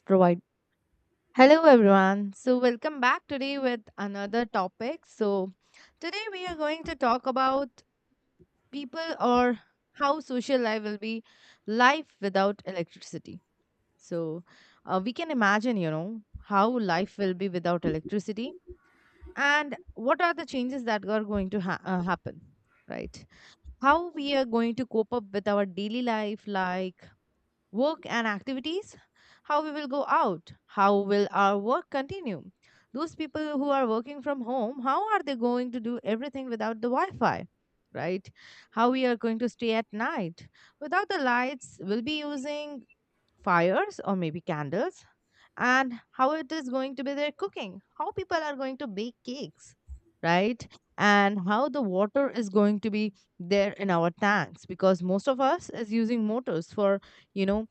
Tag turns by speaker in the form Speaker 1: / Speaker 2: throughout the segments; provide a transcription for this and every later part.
Speaker 1: Provide. Hello everyone. So welcome back today with another topic. So today we are going to talk about people or how social life will be life without electricity. So we can imagine, you know, how life will be without electricity and what are the changes that are going to happen, right? How we are going to cope up with our daily life, like work and activities, how we will go out, how will our work continue. Those people who are working from home, how are they going to do everything without the Wi Fi? Right? How we are going to stay at night. Without the lights, we'll be using fires or maybe candles. And how it is going to be their cooking, how people are going to bake cakes, right? And how the water is going to be there in our tanks because most of us is using motors for, you know,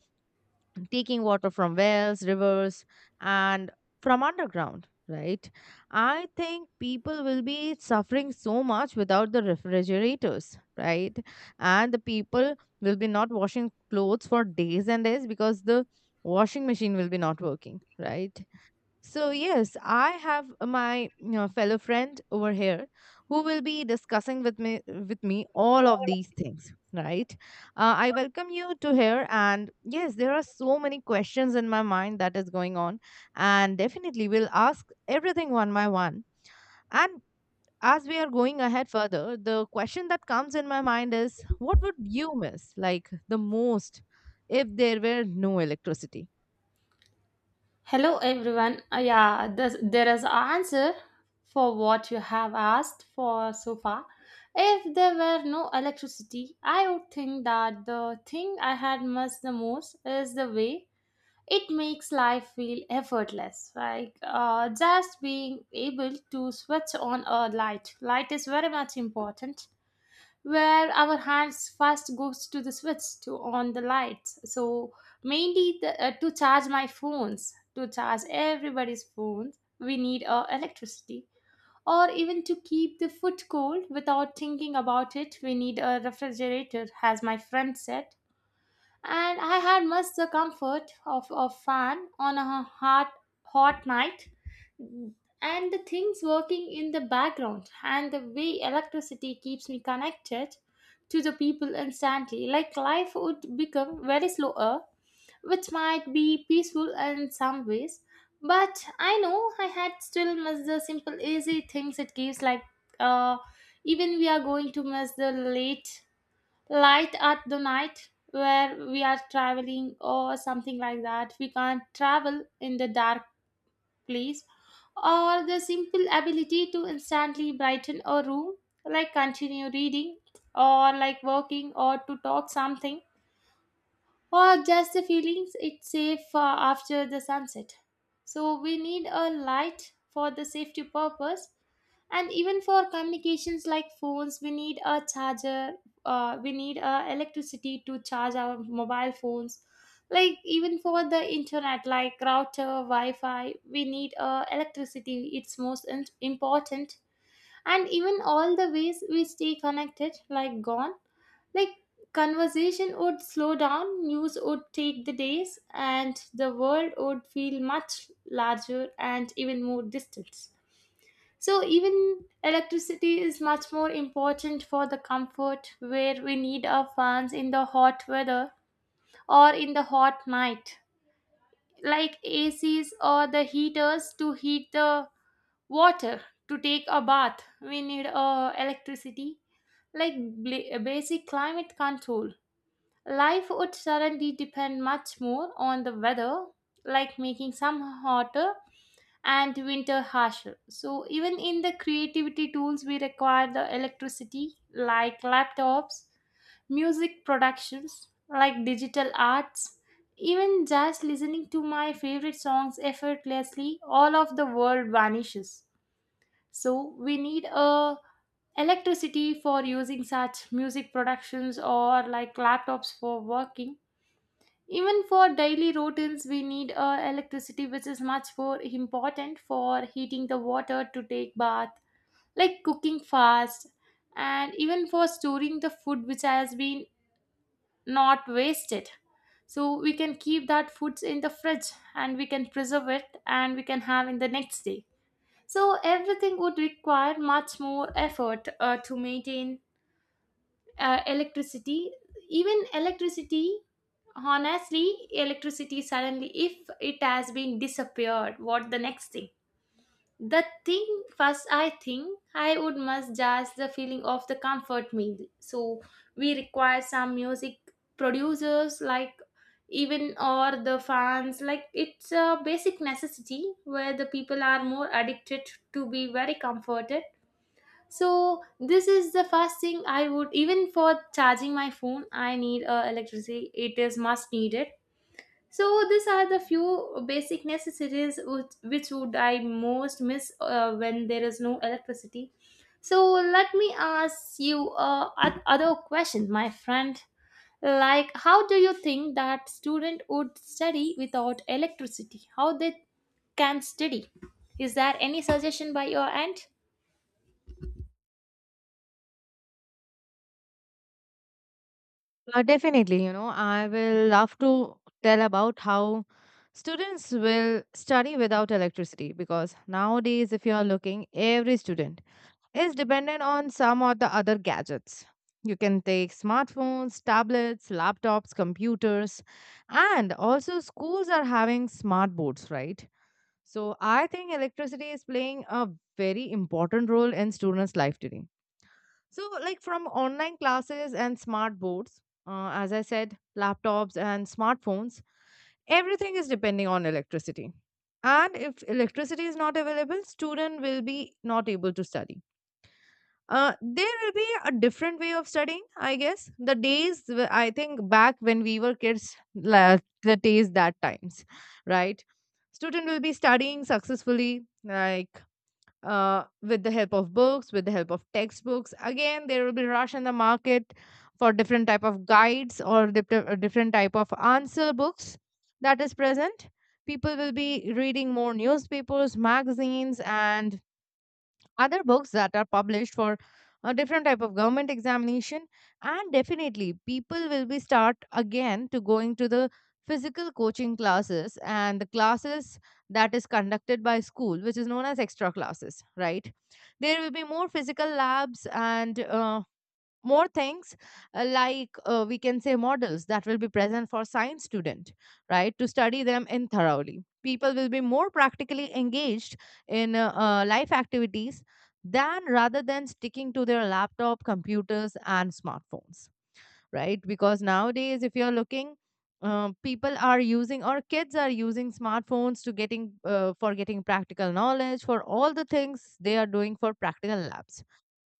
Speaker 1: taking water from wells, rivers, and from underground, right? I think people will be suffering so much without the refrigerators, right? And the people will be not washing clothes for days and days because the washing machine will be not working, right? So, yes, I have my fellow friend over here who will be discussing with me all of these things, right? I welcome you to here, and yes, there are so many questions in my mind that is going on, and definitely we'll ask everything one by one. And as we are going ahead further, the question that comes in my mind is, what would you miss like the most if there were no electricity?
Speaker 2: Hello everyone. Yeah, there is an answer for what you have asked for so far. If there were no electricity, I would think that the thing I had missed the most is the way it makes life feel effortless. Like just being able to switch on a light. Light is very much important where our hands first goes to the switch to on the lights. So mainly to charge my phones, to charge everybody's phones, we need electricity, or even to keep the food cold without thinking about it, we need a refrigerator, as my friend said. And I had much the comfort of a fan on a hot night, and the things working in the background, and the way electricity keeps me connected to the people instantly. Like life would become very slower, which might be peaceful in some ways, but I know I had still missed the simple, easy things it gives, like uh, even we are going to miss the late light at the night where we are traveling or something like that. We can't travel in the dark place, or the simple ability to instantly brighten a room, like continue reading, or like working, or to talk something, or just the feelings it's safe after the sunset. So we need a light for the safety purpose, and even for communications like phones, we need a charger. We need electricity to charge our mobile phones, like even for the internet like router, wi-fi, we need electricity. It's most important. And even all the ways we stay connected, like gone, like conversation would slow down, news would take the days, and the world would feel much larger and even more distant. So even electricity is much more important for the comfort where we need our fans in the hot weather or in the hot night. Like ACs or the heaters to heat the water to take a bath, we need electricity. Like basic climate control. Life would suddenly depend much more on the weather, like making summer hotter and winter harsher. So, even in the creativity tools, we require the electricity, like laptops, music productions, like digital arts, even just listening to my favorite songs effortlessly, all of the world vanishes. So, we need a electricity for using such music productions or like laptops for working. Even for daily routines, we need electricity, which is much more important for heating the water to take bath, like cooking fast, and even for storing the food which has been not wasted. So we can keep that foods in the fridge and we can preserve it and we can have in the next day. So everything would require much more effort to maintain electricity. Even electricity, honestly, electricity suddenly, if it has been disappeared, what the next thing, the thing first I think I would must just the feeling of the comfort meal. So we require some music producers like, even, or the fans, like it's a basic necessity where the people are more addicted to be very comforted. So this is the first thing I would. Even for charging my phone, I need electricity, it is must needed. So these are the few basic necessities which would I most miss when there is no electricity. So let me ask you other question, my friend. Like, how do you think that student would study without electricity? How they can study? Is there any suggestion by your end?
Speaker 1: Definitely, you know, I will love to tell about how students will study without electricity because nowadays, if you are looking, every student is dependent on some or the other gadgets. You can take smartphones, tablets, laptops, computers, and also schools are having smart boards, right? So I think electricity is playing a very important role in students' life today so, like from online classes and smart boards, as I said, laptops and smartphones, everything is depending on electricity. And if electricity is not available, student will be not able to study. There will be a different way of studying, I guess. The days I think back when we were kids, the days that times, right? Student will be studying successfully, like with the help of books, with the help of textbooks. Again there will be rush in the market for different type of guides or different type of answer books that is present. People will be reading more newspapers, magazines, and other books that are published for a different type of government examination, and definitely people will be start again to going to the physical coaching classes and the classes that is conducted by school, which is known as extra classes, right? There will be more physical labs and more things, like we can say, models that will be present for science student, right, to study them in thoroughly. People will be more practically engaged in life activities than rather than sticking to their laptop, computers, and smartphones, right? Because nowadays, if you're looking, people are using, or kids are using, smartphones to getting practical knowledge for all the things they are doing for practical labs.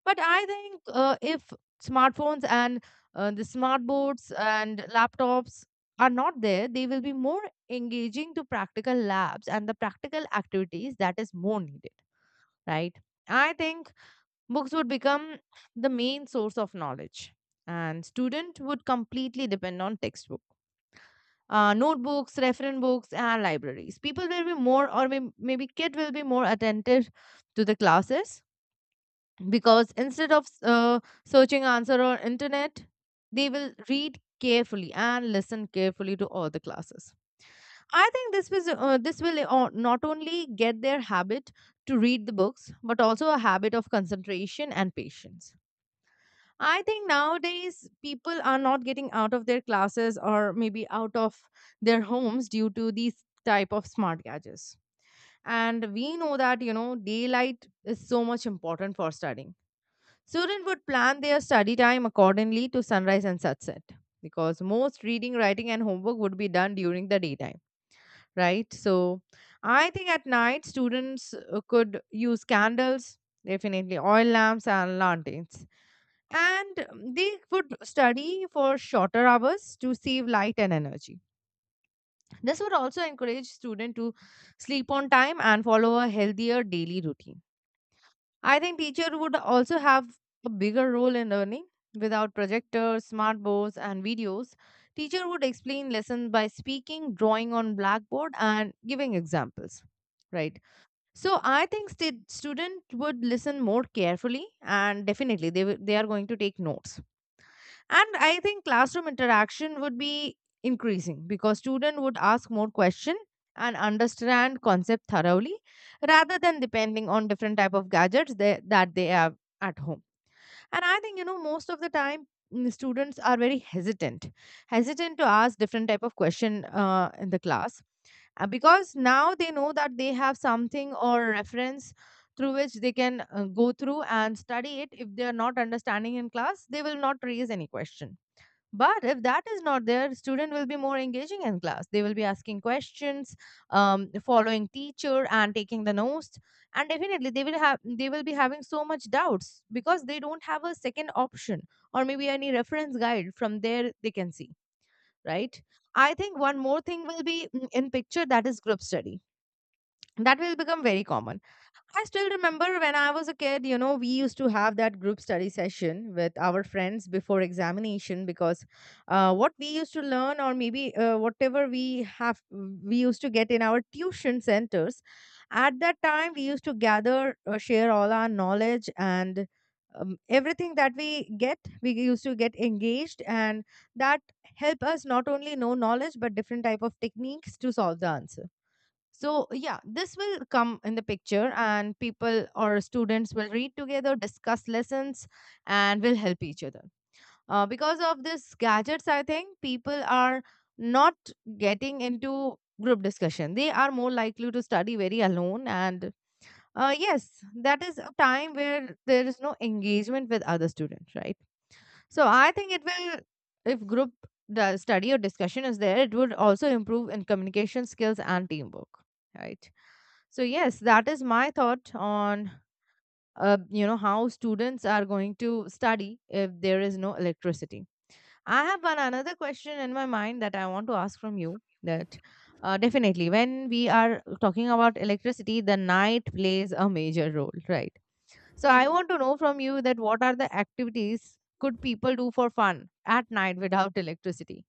Speaker 1: But I think, if smartphones and the smart boards and laptops are not there, they will be more engaging to practical labs and the practical activities that is more needed, right? I think books would become the main source of knowledge, and student would completely depend on textbook. Notebooks, reference books, and libraries. People will be more, or maybe kid will be more attentive to the classes, because instead of searching answer on internet, they will read carefully and listen carefully to all the classes. I think this was this will not only get their habit to read the books, but also a habit of concentration and patience. I think nowadays people are not getting out of their classes, or maybe out of their homes, due to these type of smart gadgets. And we know that, you know, daylight is so much important for studying. Students would plan their study time accordingly to sunrise and sunset, because most reading, writing, and homework would be done during the daytime, right? So, I think at night students could use candles, definitely oil lamps, and lanterns, and they would study for shorter hours to save light and energy. This would also encourage students to sleep on time and follow a healthier daily routine. I think teacher would also have a bigger role in learning. Without projectors, smart boards, and videos, teacher would explain lessons by speaking, drawing on blackboard, and giving examples. Right. So I think student would listen more carefully, and definitely they are going to take notes. And I think classroom interaction would be increasing, because students would ask more questions and understand concept thoroughly, rather than depending on different type of gadgets that they have at home. And I think, you know, most of the time, students are very hesitant to ask different type of question in the class, because now they know that they have something or reference through which they can go through and study it. If they are not understanding in class, they will not raise any question. But if that is not there, student will be more engaging in class. They will be asking questions, following teacher and taking the notes, and definitely they will be having so much doubts because they don't have a second option or maybe any reference guide from there they can see. Right? I think one more thing will be in picture, that is group study. That will become very common. I still remember when I was a kid, you know, we used to have that group study session with our friends before examination, because what we used to learn, or maybe whatever we have, we used to get in our tuition centers. At that time, we used to gather, share all our knowledge, and everything that we get, we used to get engaged, and that help us not only knowledge but different type of techniques to solve the answer. So, yeah, this will come in the picture, and people or students will read together, discuss lessons, and will help each other. Because of this gadgets, I think people are not getting into group discussion. They are more likely to study very alone. And yes, that is a time where there is no engagement with other students, right? So, I think it will, if group the study or discussion is there, it would also improve in communication skills and teamwork, right? So yes, that is my thought on, you know, how students are going to study if there is no electricity. I have one another question in my mind that I want to ask from you. That definitely, when we are talking about electricity, the night plays a major role, right? So I want to know from you that what are the activities could people do for fun at night without electricity?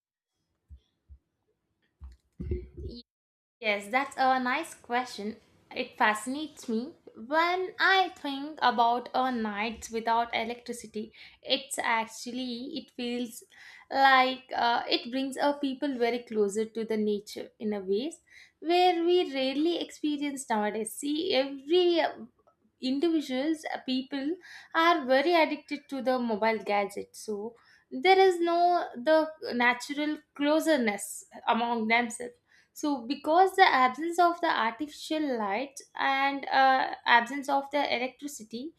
Speaker 2: Yes, that's a nice question. It fascinates me. When I think about a night without electricity, it's actually, it feels like it brings our people very closer to the nature in a ways where we rarely experience nowadays. See, every individuals, people are very addicted to the mobile gadget. So there is no the natural closeness among themselves. So because the absence of the artificial light and absence of the electricity,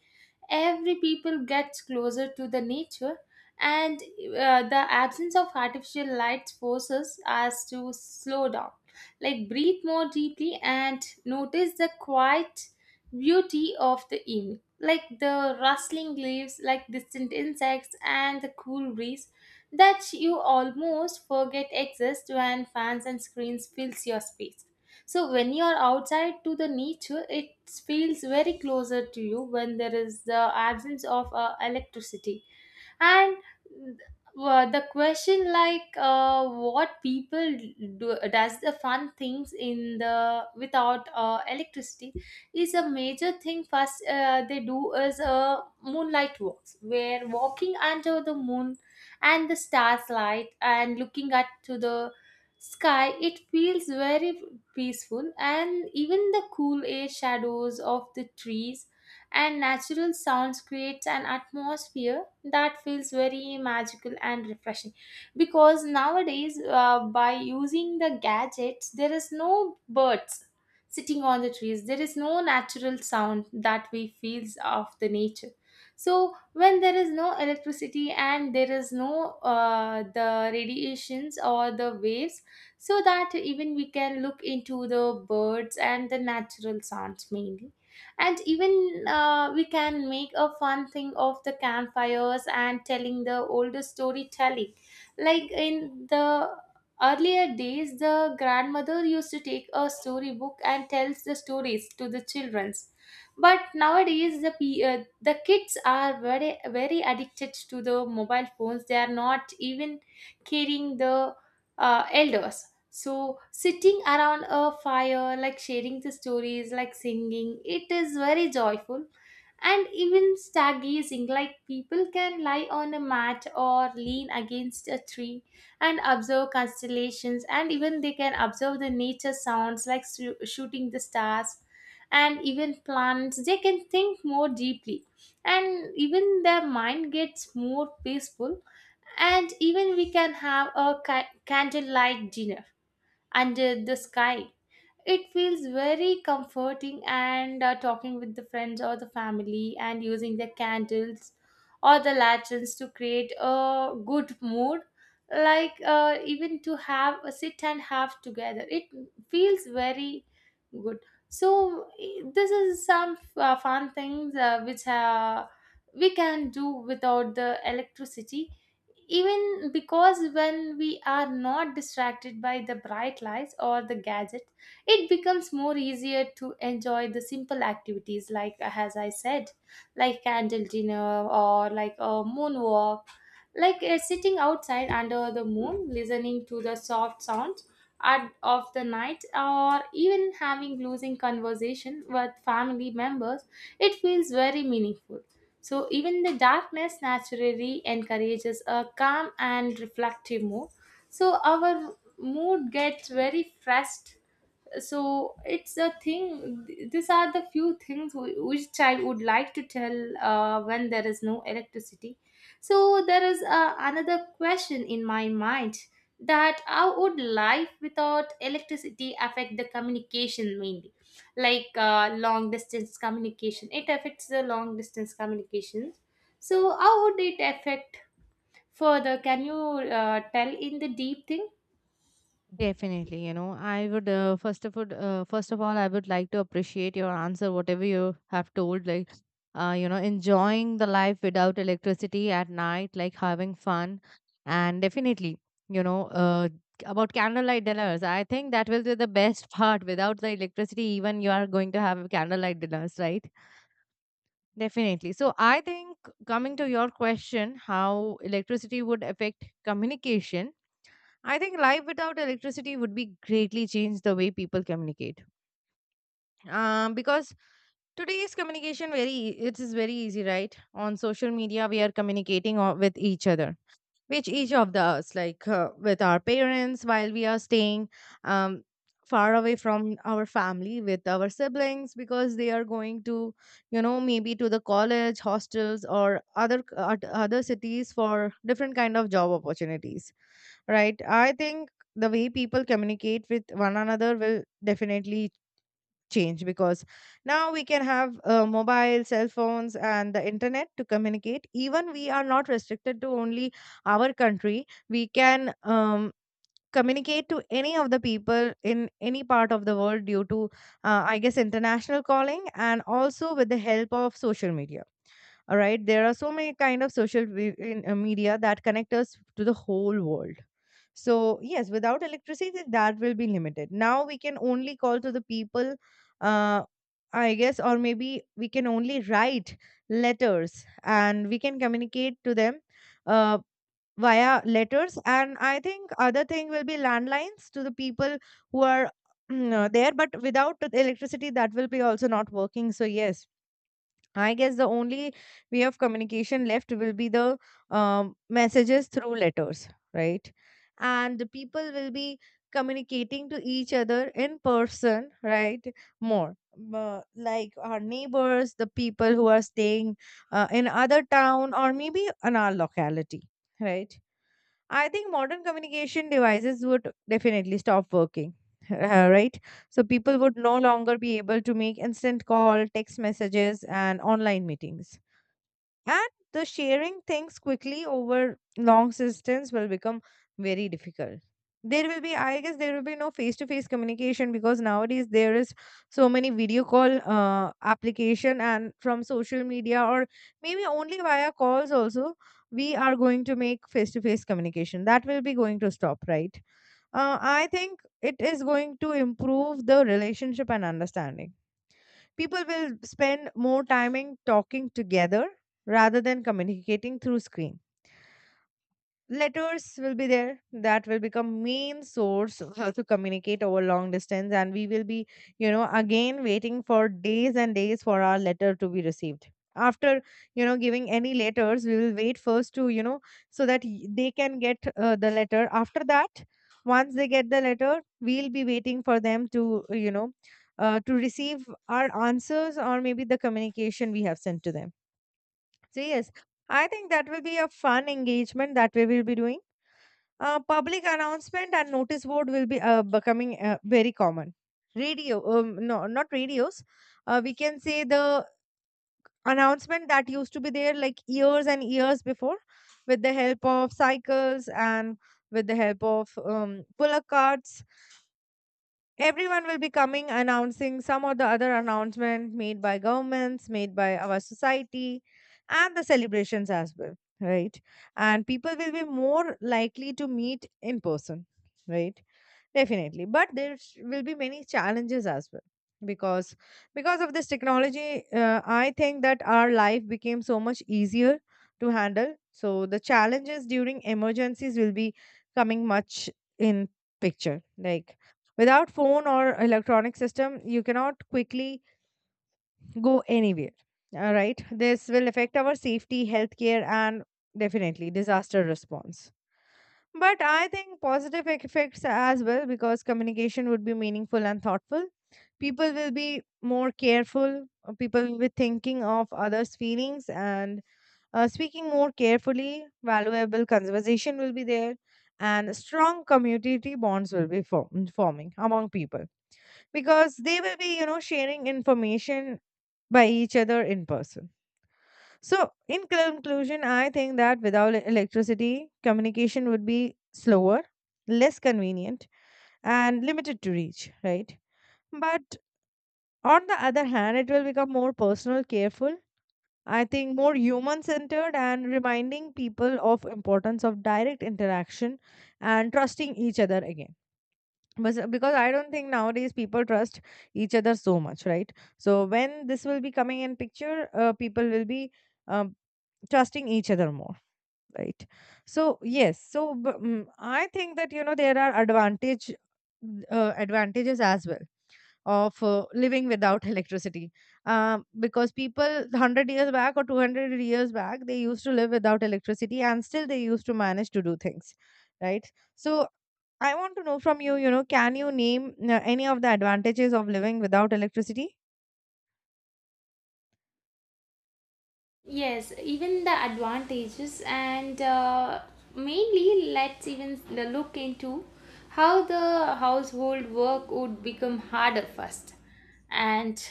Speaker 2: every people gets closer to the nature. And the absence of artificial light forces us to slow down, like breathe more deeply and notice the quiet beauty of the evening, like the rustling leaves, like distant insects and the cool breeze that you almost forget exists when fans and screens fills your space. So when you are outside to the nature, it feels very closer to you when there is the absence of electricity. And the question like what people do does the fun things in the without electricity is a major thing. First they do is moonlight walks where walking under the moon and the stars light and looking at to the sky, it feels very peaceful. And even the cool air, shadows of the trees and natural sounds creates an atmosphere that feels very magical and refreshing, because nowadays by using the gadgets, there is no birds sitting on the trees, there is no natural sound that we feels of the nature. So when there is no electricity and there is no the radiations or the waves, so that even we can look into the birds and the natural sounds mainly. And even we can make a fun thing of the campfires and telling the older storytelling, like in the earlier days the grandmother used to take a storybook and tells the stories to the childrens. But nowadays the the kids are very addicted to the mobile phones, they are not even caring the elders. So, sitting around a fire, like sharing the stories, like singing, it is very joyful. And even stargazing, like people can lie on a mat or lean against a tree and observe constellations, and even they can observe the nature sounds like shooting the stars, and even plants, they can think more deeply and even their mind gets more peaceful. And even we can have a candlelight dinner, and the sky, it feels very comforting. And talking with the friends or the family and using the candles or the lanterns to create a good mood, like even to have a sit and have together, it feels very good. So this is some fun things which we can do without the electricity, even because when we are not distracted by the bright lights or the gadget, it becomes more easier to enjoy the simple activities, like as I said, like candle dinner or like a moonwalk, like sitting outside under the moon listening to the soft sounds at, of the night, or even having losing conversation with family members, it feels very meaningful. So even the darkness naturally encourages a calm and reflective mood. So our mood gets very fresh. So it's a thing. These are the few things which child would like to tell when there is no electricity. So there is another question in my mind, that how would life without electricity affect the communication, mainly like long distance communication. It affects the long distance communication. So how would it affect further? Can you tell in the deep thing?
Speaker 1: Definitely, you know, I would first of all, I would like to appreciate your answer, whatever you have told, like, you know, enjoying the life without electricity at night, like having fun, and definitely, you know, about candlelight dinners, I think that will be the best part. Without the electricity, even you are going to have candlelight dinners, right? Definitely. So I think, coming to your question, how electricity would affect communication, I think life without electricity would be greatly change the way people communicate. Because today's communication very it is very easy, right? On social media, we are communicating with each other, which each of us, like, with our parents, while we are staying um, far away from our family, with our siblings, because they are going to, you know, maybe to the college hostels or other other cities for different kind of job opportunities, right? I think the way people communicate with one another will definitely change, because now we can have mobile cell phones and the internet to communicate, even we are not restricted to only our country. We can communicate to any of the people in any part of the world due to, I guess, international calling, and also with the help of social media. All right, there are so many kind of media that connect us to the whole world. So, yes, without electricity, that will be limited. Now we can only call to the people, uh, I guess, or maybe we can only write letters, and we can communicate to them uh, via letters. And I think other thing will be landlines to the people who are there, but without the electricity, that will be also not working. So, yes, I guess the only way of communication left will be the messages through letters, right? And the people will be communicating to each other in person, right? More like our neighbors, the people who are staying in other town or maybe in our locality, right? I think modern communication devices would definitely stop working, right? So people would no longer be able to make instant call, text messages, and online meetings, and the sharing things quickly over long distance will become very difficult. There will be, I guess, there will be no face to face communication, because nowadays there is so many video call application, and from social media or maybe only via calls also we are going to make face to face communication. That will be going to stop, right? I think it is going to improve the relationship and understanding. People will spend more time in talking together rather than communicating through screen. Letters will be there. That will become main source of how to communicate over long distance, and we will be again waiting for days and days for our letter to be received. After giving any letters, we will wait first to, so that they can get the letter. After that, once they get the letter, we'll be waiting for them to, to receive our answers or maybe the communication we have sent to them. So yes, I think that will be a fun engagement that we will be doing. Public announcement and notice board will be becoming very common. Radio, no, not radios. We can say the announcement that used to be there like years and years before, with the help of cycles and with the help of pull-up carts. Everyone will be coming announcing some or the other announcement made by governments, made by our society, and the celebrations as well, right? And people will be more likely to meet in person, right? Definitely, but will be many challenges as well, because because of this technology, I think that our life became so much easier to handle. So the challenges during emergencies will be coming much in picture. Like without phone or electronic system, you cannot quickly go anywhere. All right, this will affect our safety, healthcare, and definitely disaster response. But I think positive effects as well, because communication would be meaningful and thoughtful. People will be more careful. People will be thinking of others' feelings and speaking more carefully. Valuable conversation will be there, and strong community bonds will be forming among people, because they will be, you know, sharing information by each other in person. So, in conclusion, I think that without electricity, communication would be slower, less convenient, and limited to reach, right? But on the other hand, it will become more personal, careful, I think more human centered, and reminding people of importance of direct interaction and trusting each other again. Because I don't think nowadays people trust each other so much, right? So when this will be coming in picture, people will be um, trusting each other more, right? So yes, so I think that, you know, there are advantages as well of living without electricity, because people 100 years back or 200 years back, they used to live without electricity, and still they used to manage to do things, right? So I want to know from you, you know, can you name any of the advantages of living without electricity?
Speaker 2: Yes, even the advantages, and mainly let's even look into how the household work would become harder first. And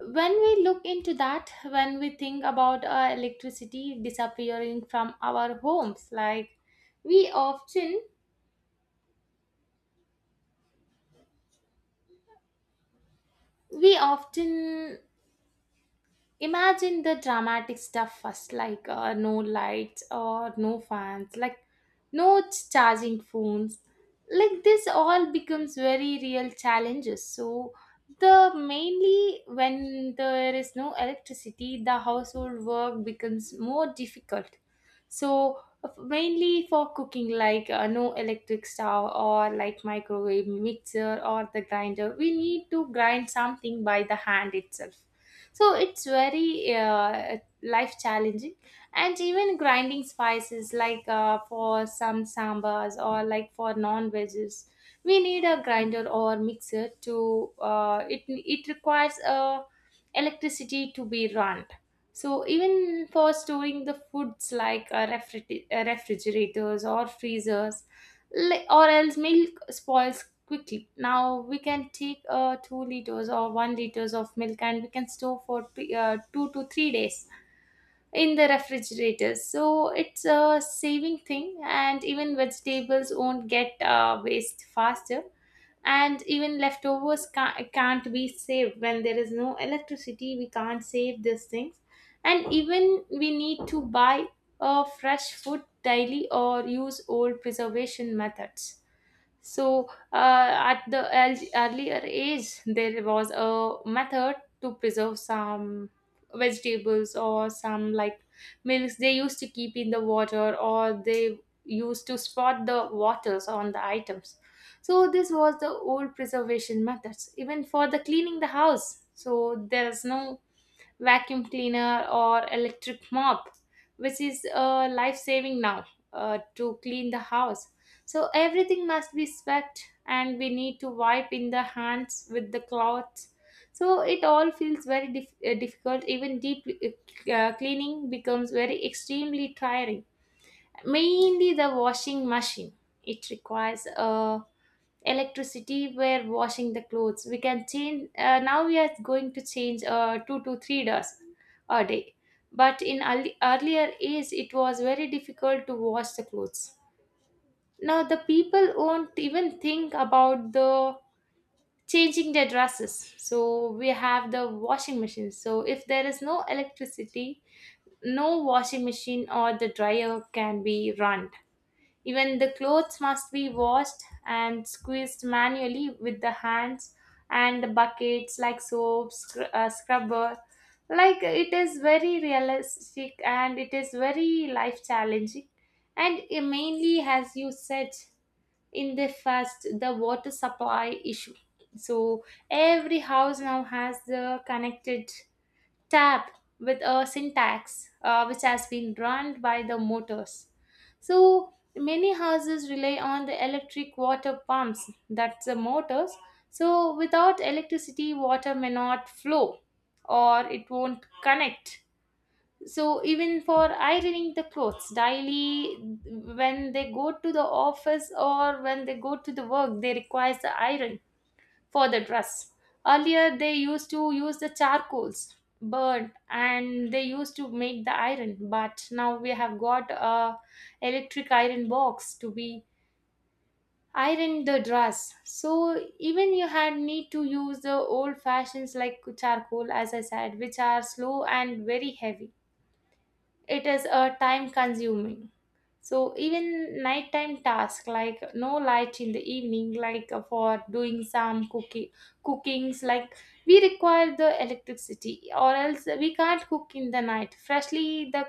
Speaker 2: when we look into that, when we think about electricity disappearing from our homes, like we often, we often imagine the dramatic stuff first, like no lights or no fans, like no charging phones. Like this all becomes very real challenges. So the mainly when there is no electricity, the household work becomes more difficult. So mainly for cooking, like no electric stove or like microwave mixer or the grinder, we need to grind something by the hand itself. So it's very life challenging. And even grinding spices, like for some sambas or like for non veggies, we need a grinder or mixer to it requires electricity to be run. So even for storing the foods like refrigerators or freezers. Or else milk spoils quickly, now we can take 2 liters or 1 liters of milk and we can store for 2 to 3 days in the refrigerator. So it's a saving thing. And even vegetables won't get waste faster, and even leftovers can't be saved. When there is no electricity, we can't save these things. And even we need to buy fresh food daily or use old preservation methods. So, at the earlier age, there was a method to preserve some vegetables or some like milks, they used to keep in the water or they used to spot the waters on the items. So, this was the old preservation methods. Even for the cleaning the house, so there's no vacuum cleaner or electric mop, which is life saving now to clean the house. So everything must be swept and we need to wipe in the hands with the cloths. So it all feels very difficult. Even deep cleaning becomes very extremely tiring. Mainly the washing machine, it requires a electricity, were washing the clothes, we can change now we are going to change 2 to $3 a day. But in earlier age, it was very difficult to wash the clothes. Now the people won't even think about the changing their dresses, so we have the washing machine. So if there is no electricity, no washing machine or the dryer can be run. Even the clothes must be washed and squeezed manually with the hands and the buckets, like soap, scrubber. Like it is very realistic and it is very life challenging. And it mainly, as you said in the first, the water supply issue. So every house now has the connected tap with a syntax which has been run by the motors. So many houses rely on the electric water pumps, that's the motors. So without electricity, water may not flow or it won't connect. So even for ironing the clothes daily, when they go to the office or when they go to the work, they require the iron for the dress. Earlier, they used to use the charcoals, burn, and they used to make the iron. But now we have got a electric iron box to be iron the dress. So even you had need to use the old fashions like charcoal, as I said, which are slow and very heavy. It is time consuming. So even nighttime task like no light in the evening, like for doing some cooking cookings like, we require the electricity, or else we can't cook in the night freshly. The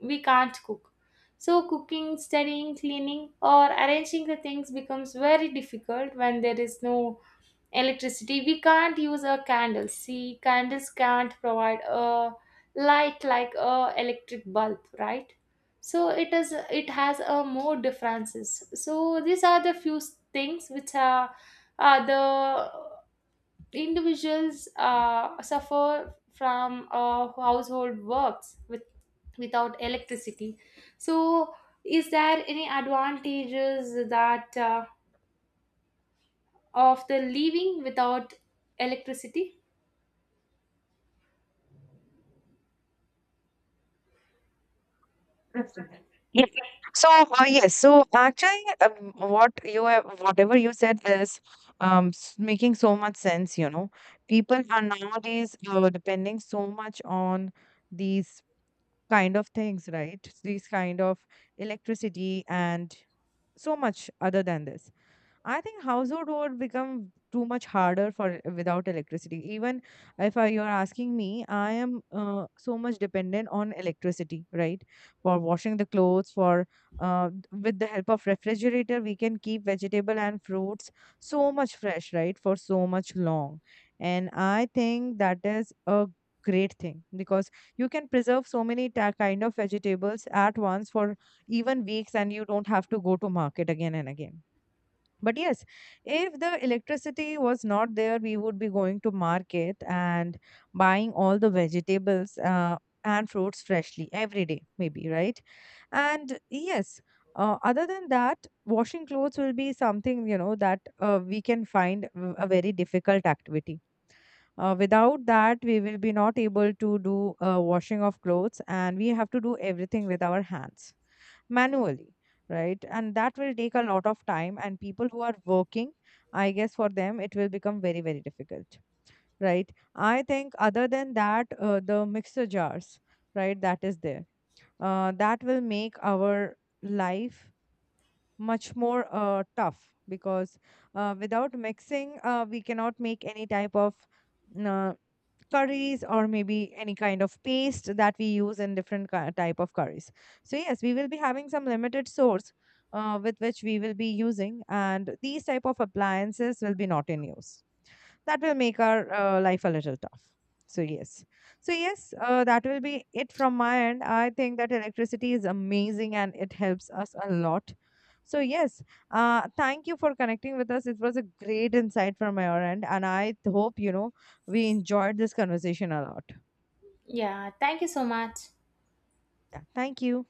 Speaker 2: we can't cook. So cooking, studying, cleaning, or arranging the things becomes very difficult. When there is no electricity, we can't use a candle. See, candles can't provide a light like a electric bulb, right? So it is, it has a more differences. So these are the few things which are the individuals suffer from household works with without electricity. So is there any advantages that of the living without electricity?
Speaker 1: Yes. So yes, so actually, what you have, whatever you said is making so much sense. You know, people are nowadays depending so much on these kind of things, right? These kind of electricity and so much other than this. I think household would become too much harder for without electricity. Even if I, you're asking me, I am so much dependent on electricity, right? For washing the clothes, for with the help of refrigerator, we can keep vegetable and fruits so much fresh, right? For so much long, and I think that is a great thing, because you can preserve so many kind of vegetables at once for even weeks, and you don't have to go to market again and again. But yes, if the electricity was not there, we would be going to market and buying all the vegetables and fruits freshly every day, maybe, right? And yes, other than that, washing clothes will be something, you know, that we can find a very difficult activity. Without that, we will be not able to do washing of clothes, and we have to do everything with our hands manually, right? And that will take a lot of time. And people who are working, I guess for them, it will become very, very difficult, right? I think, other than that, the mixer jars, right, that is there, that will make our life much more tough, because without mixing, we cannot make any type of. uh, Curries or maybe any kind of paste that we use in different type of curries. So yes, we will be having some limited source with which we will be using, and these type of appliances will be not in use. That will make our life a little tough. So yes, so yes, that will be it from my end. I think that electricity is amazing and it helps us a lot. So yes, thank you for connecting with us. It was a great insight from your end, and I hope, you know, we enjoyed this conversation a lot.
Speaker 2: Yeah, thank you so much.
Speaker 1: Yeah, thank you.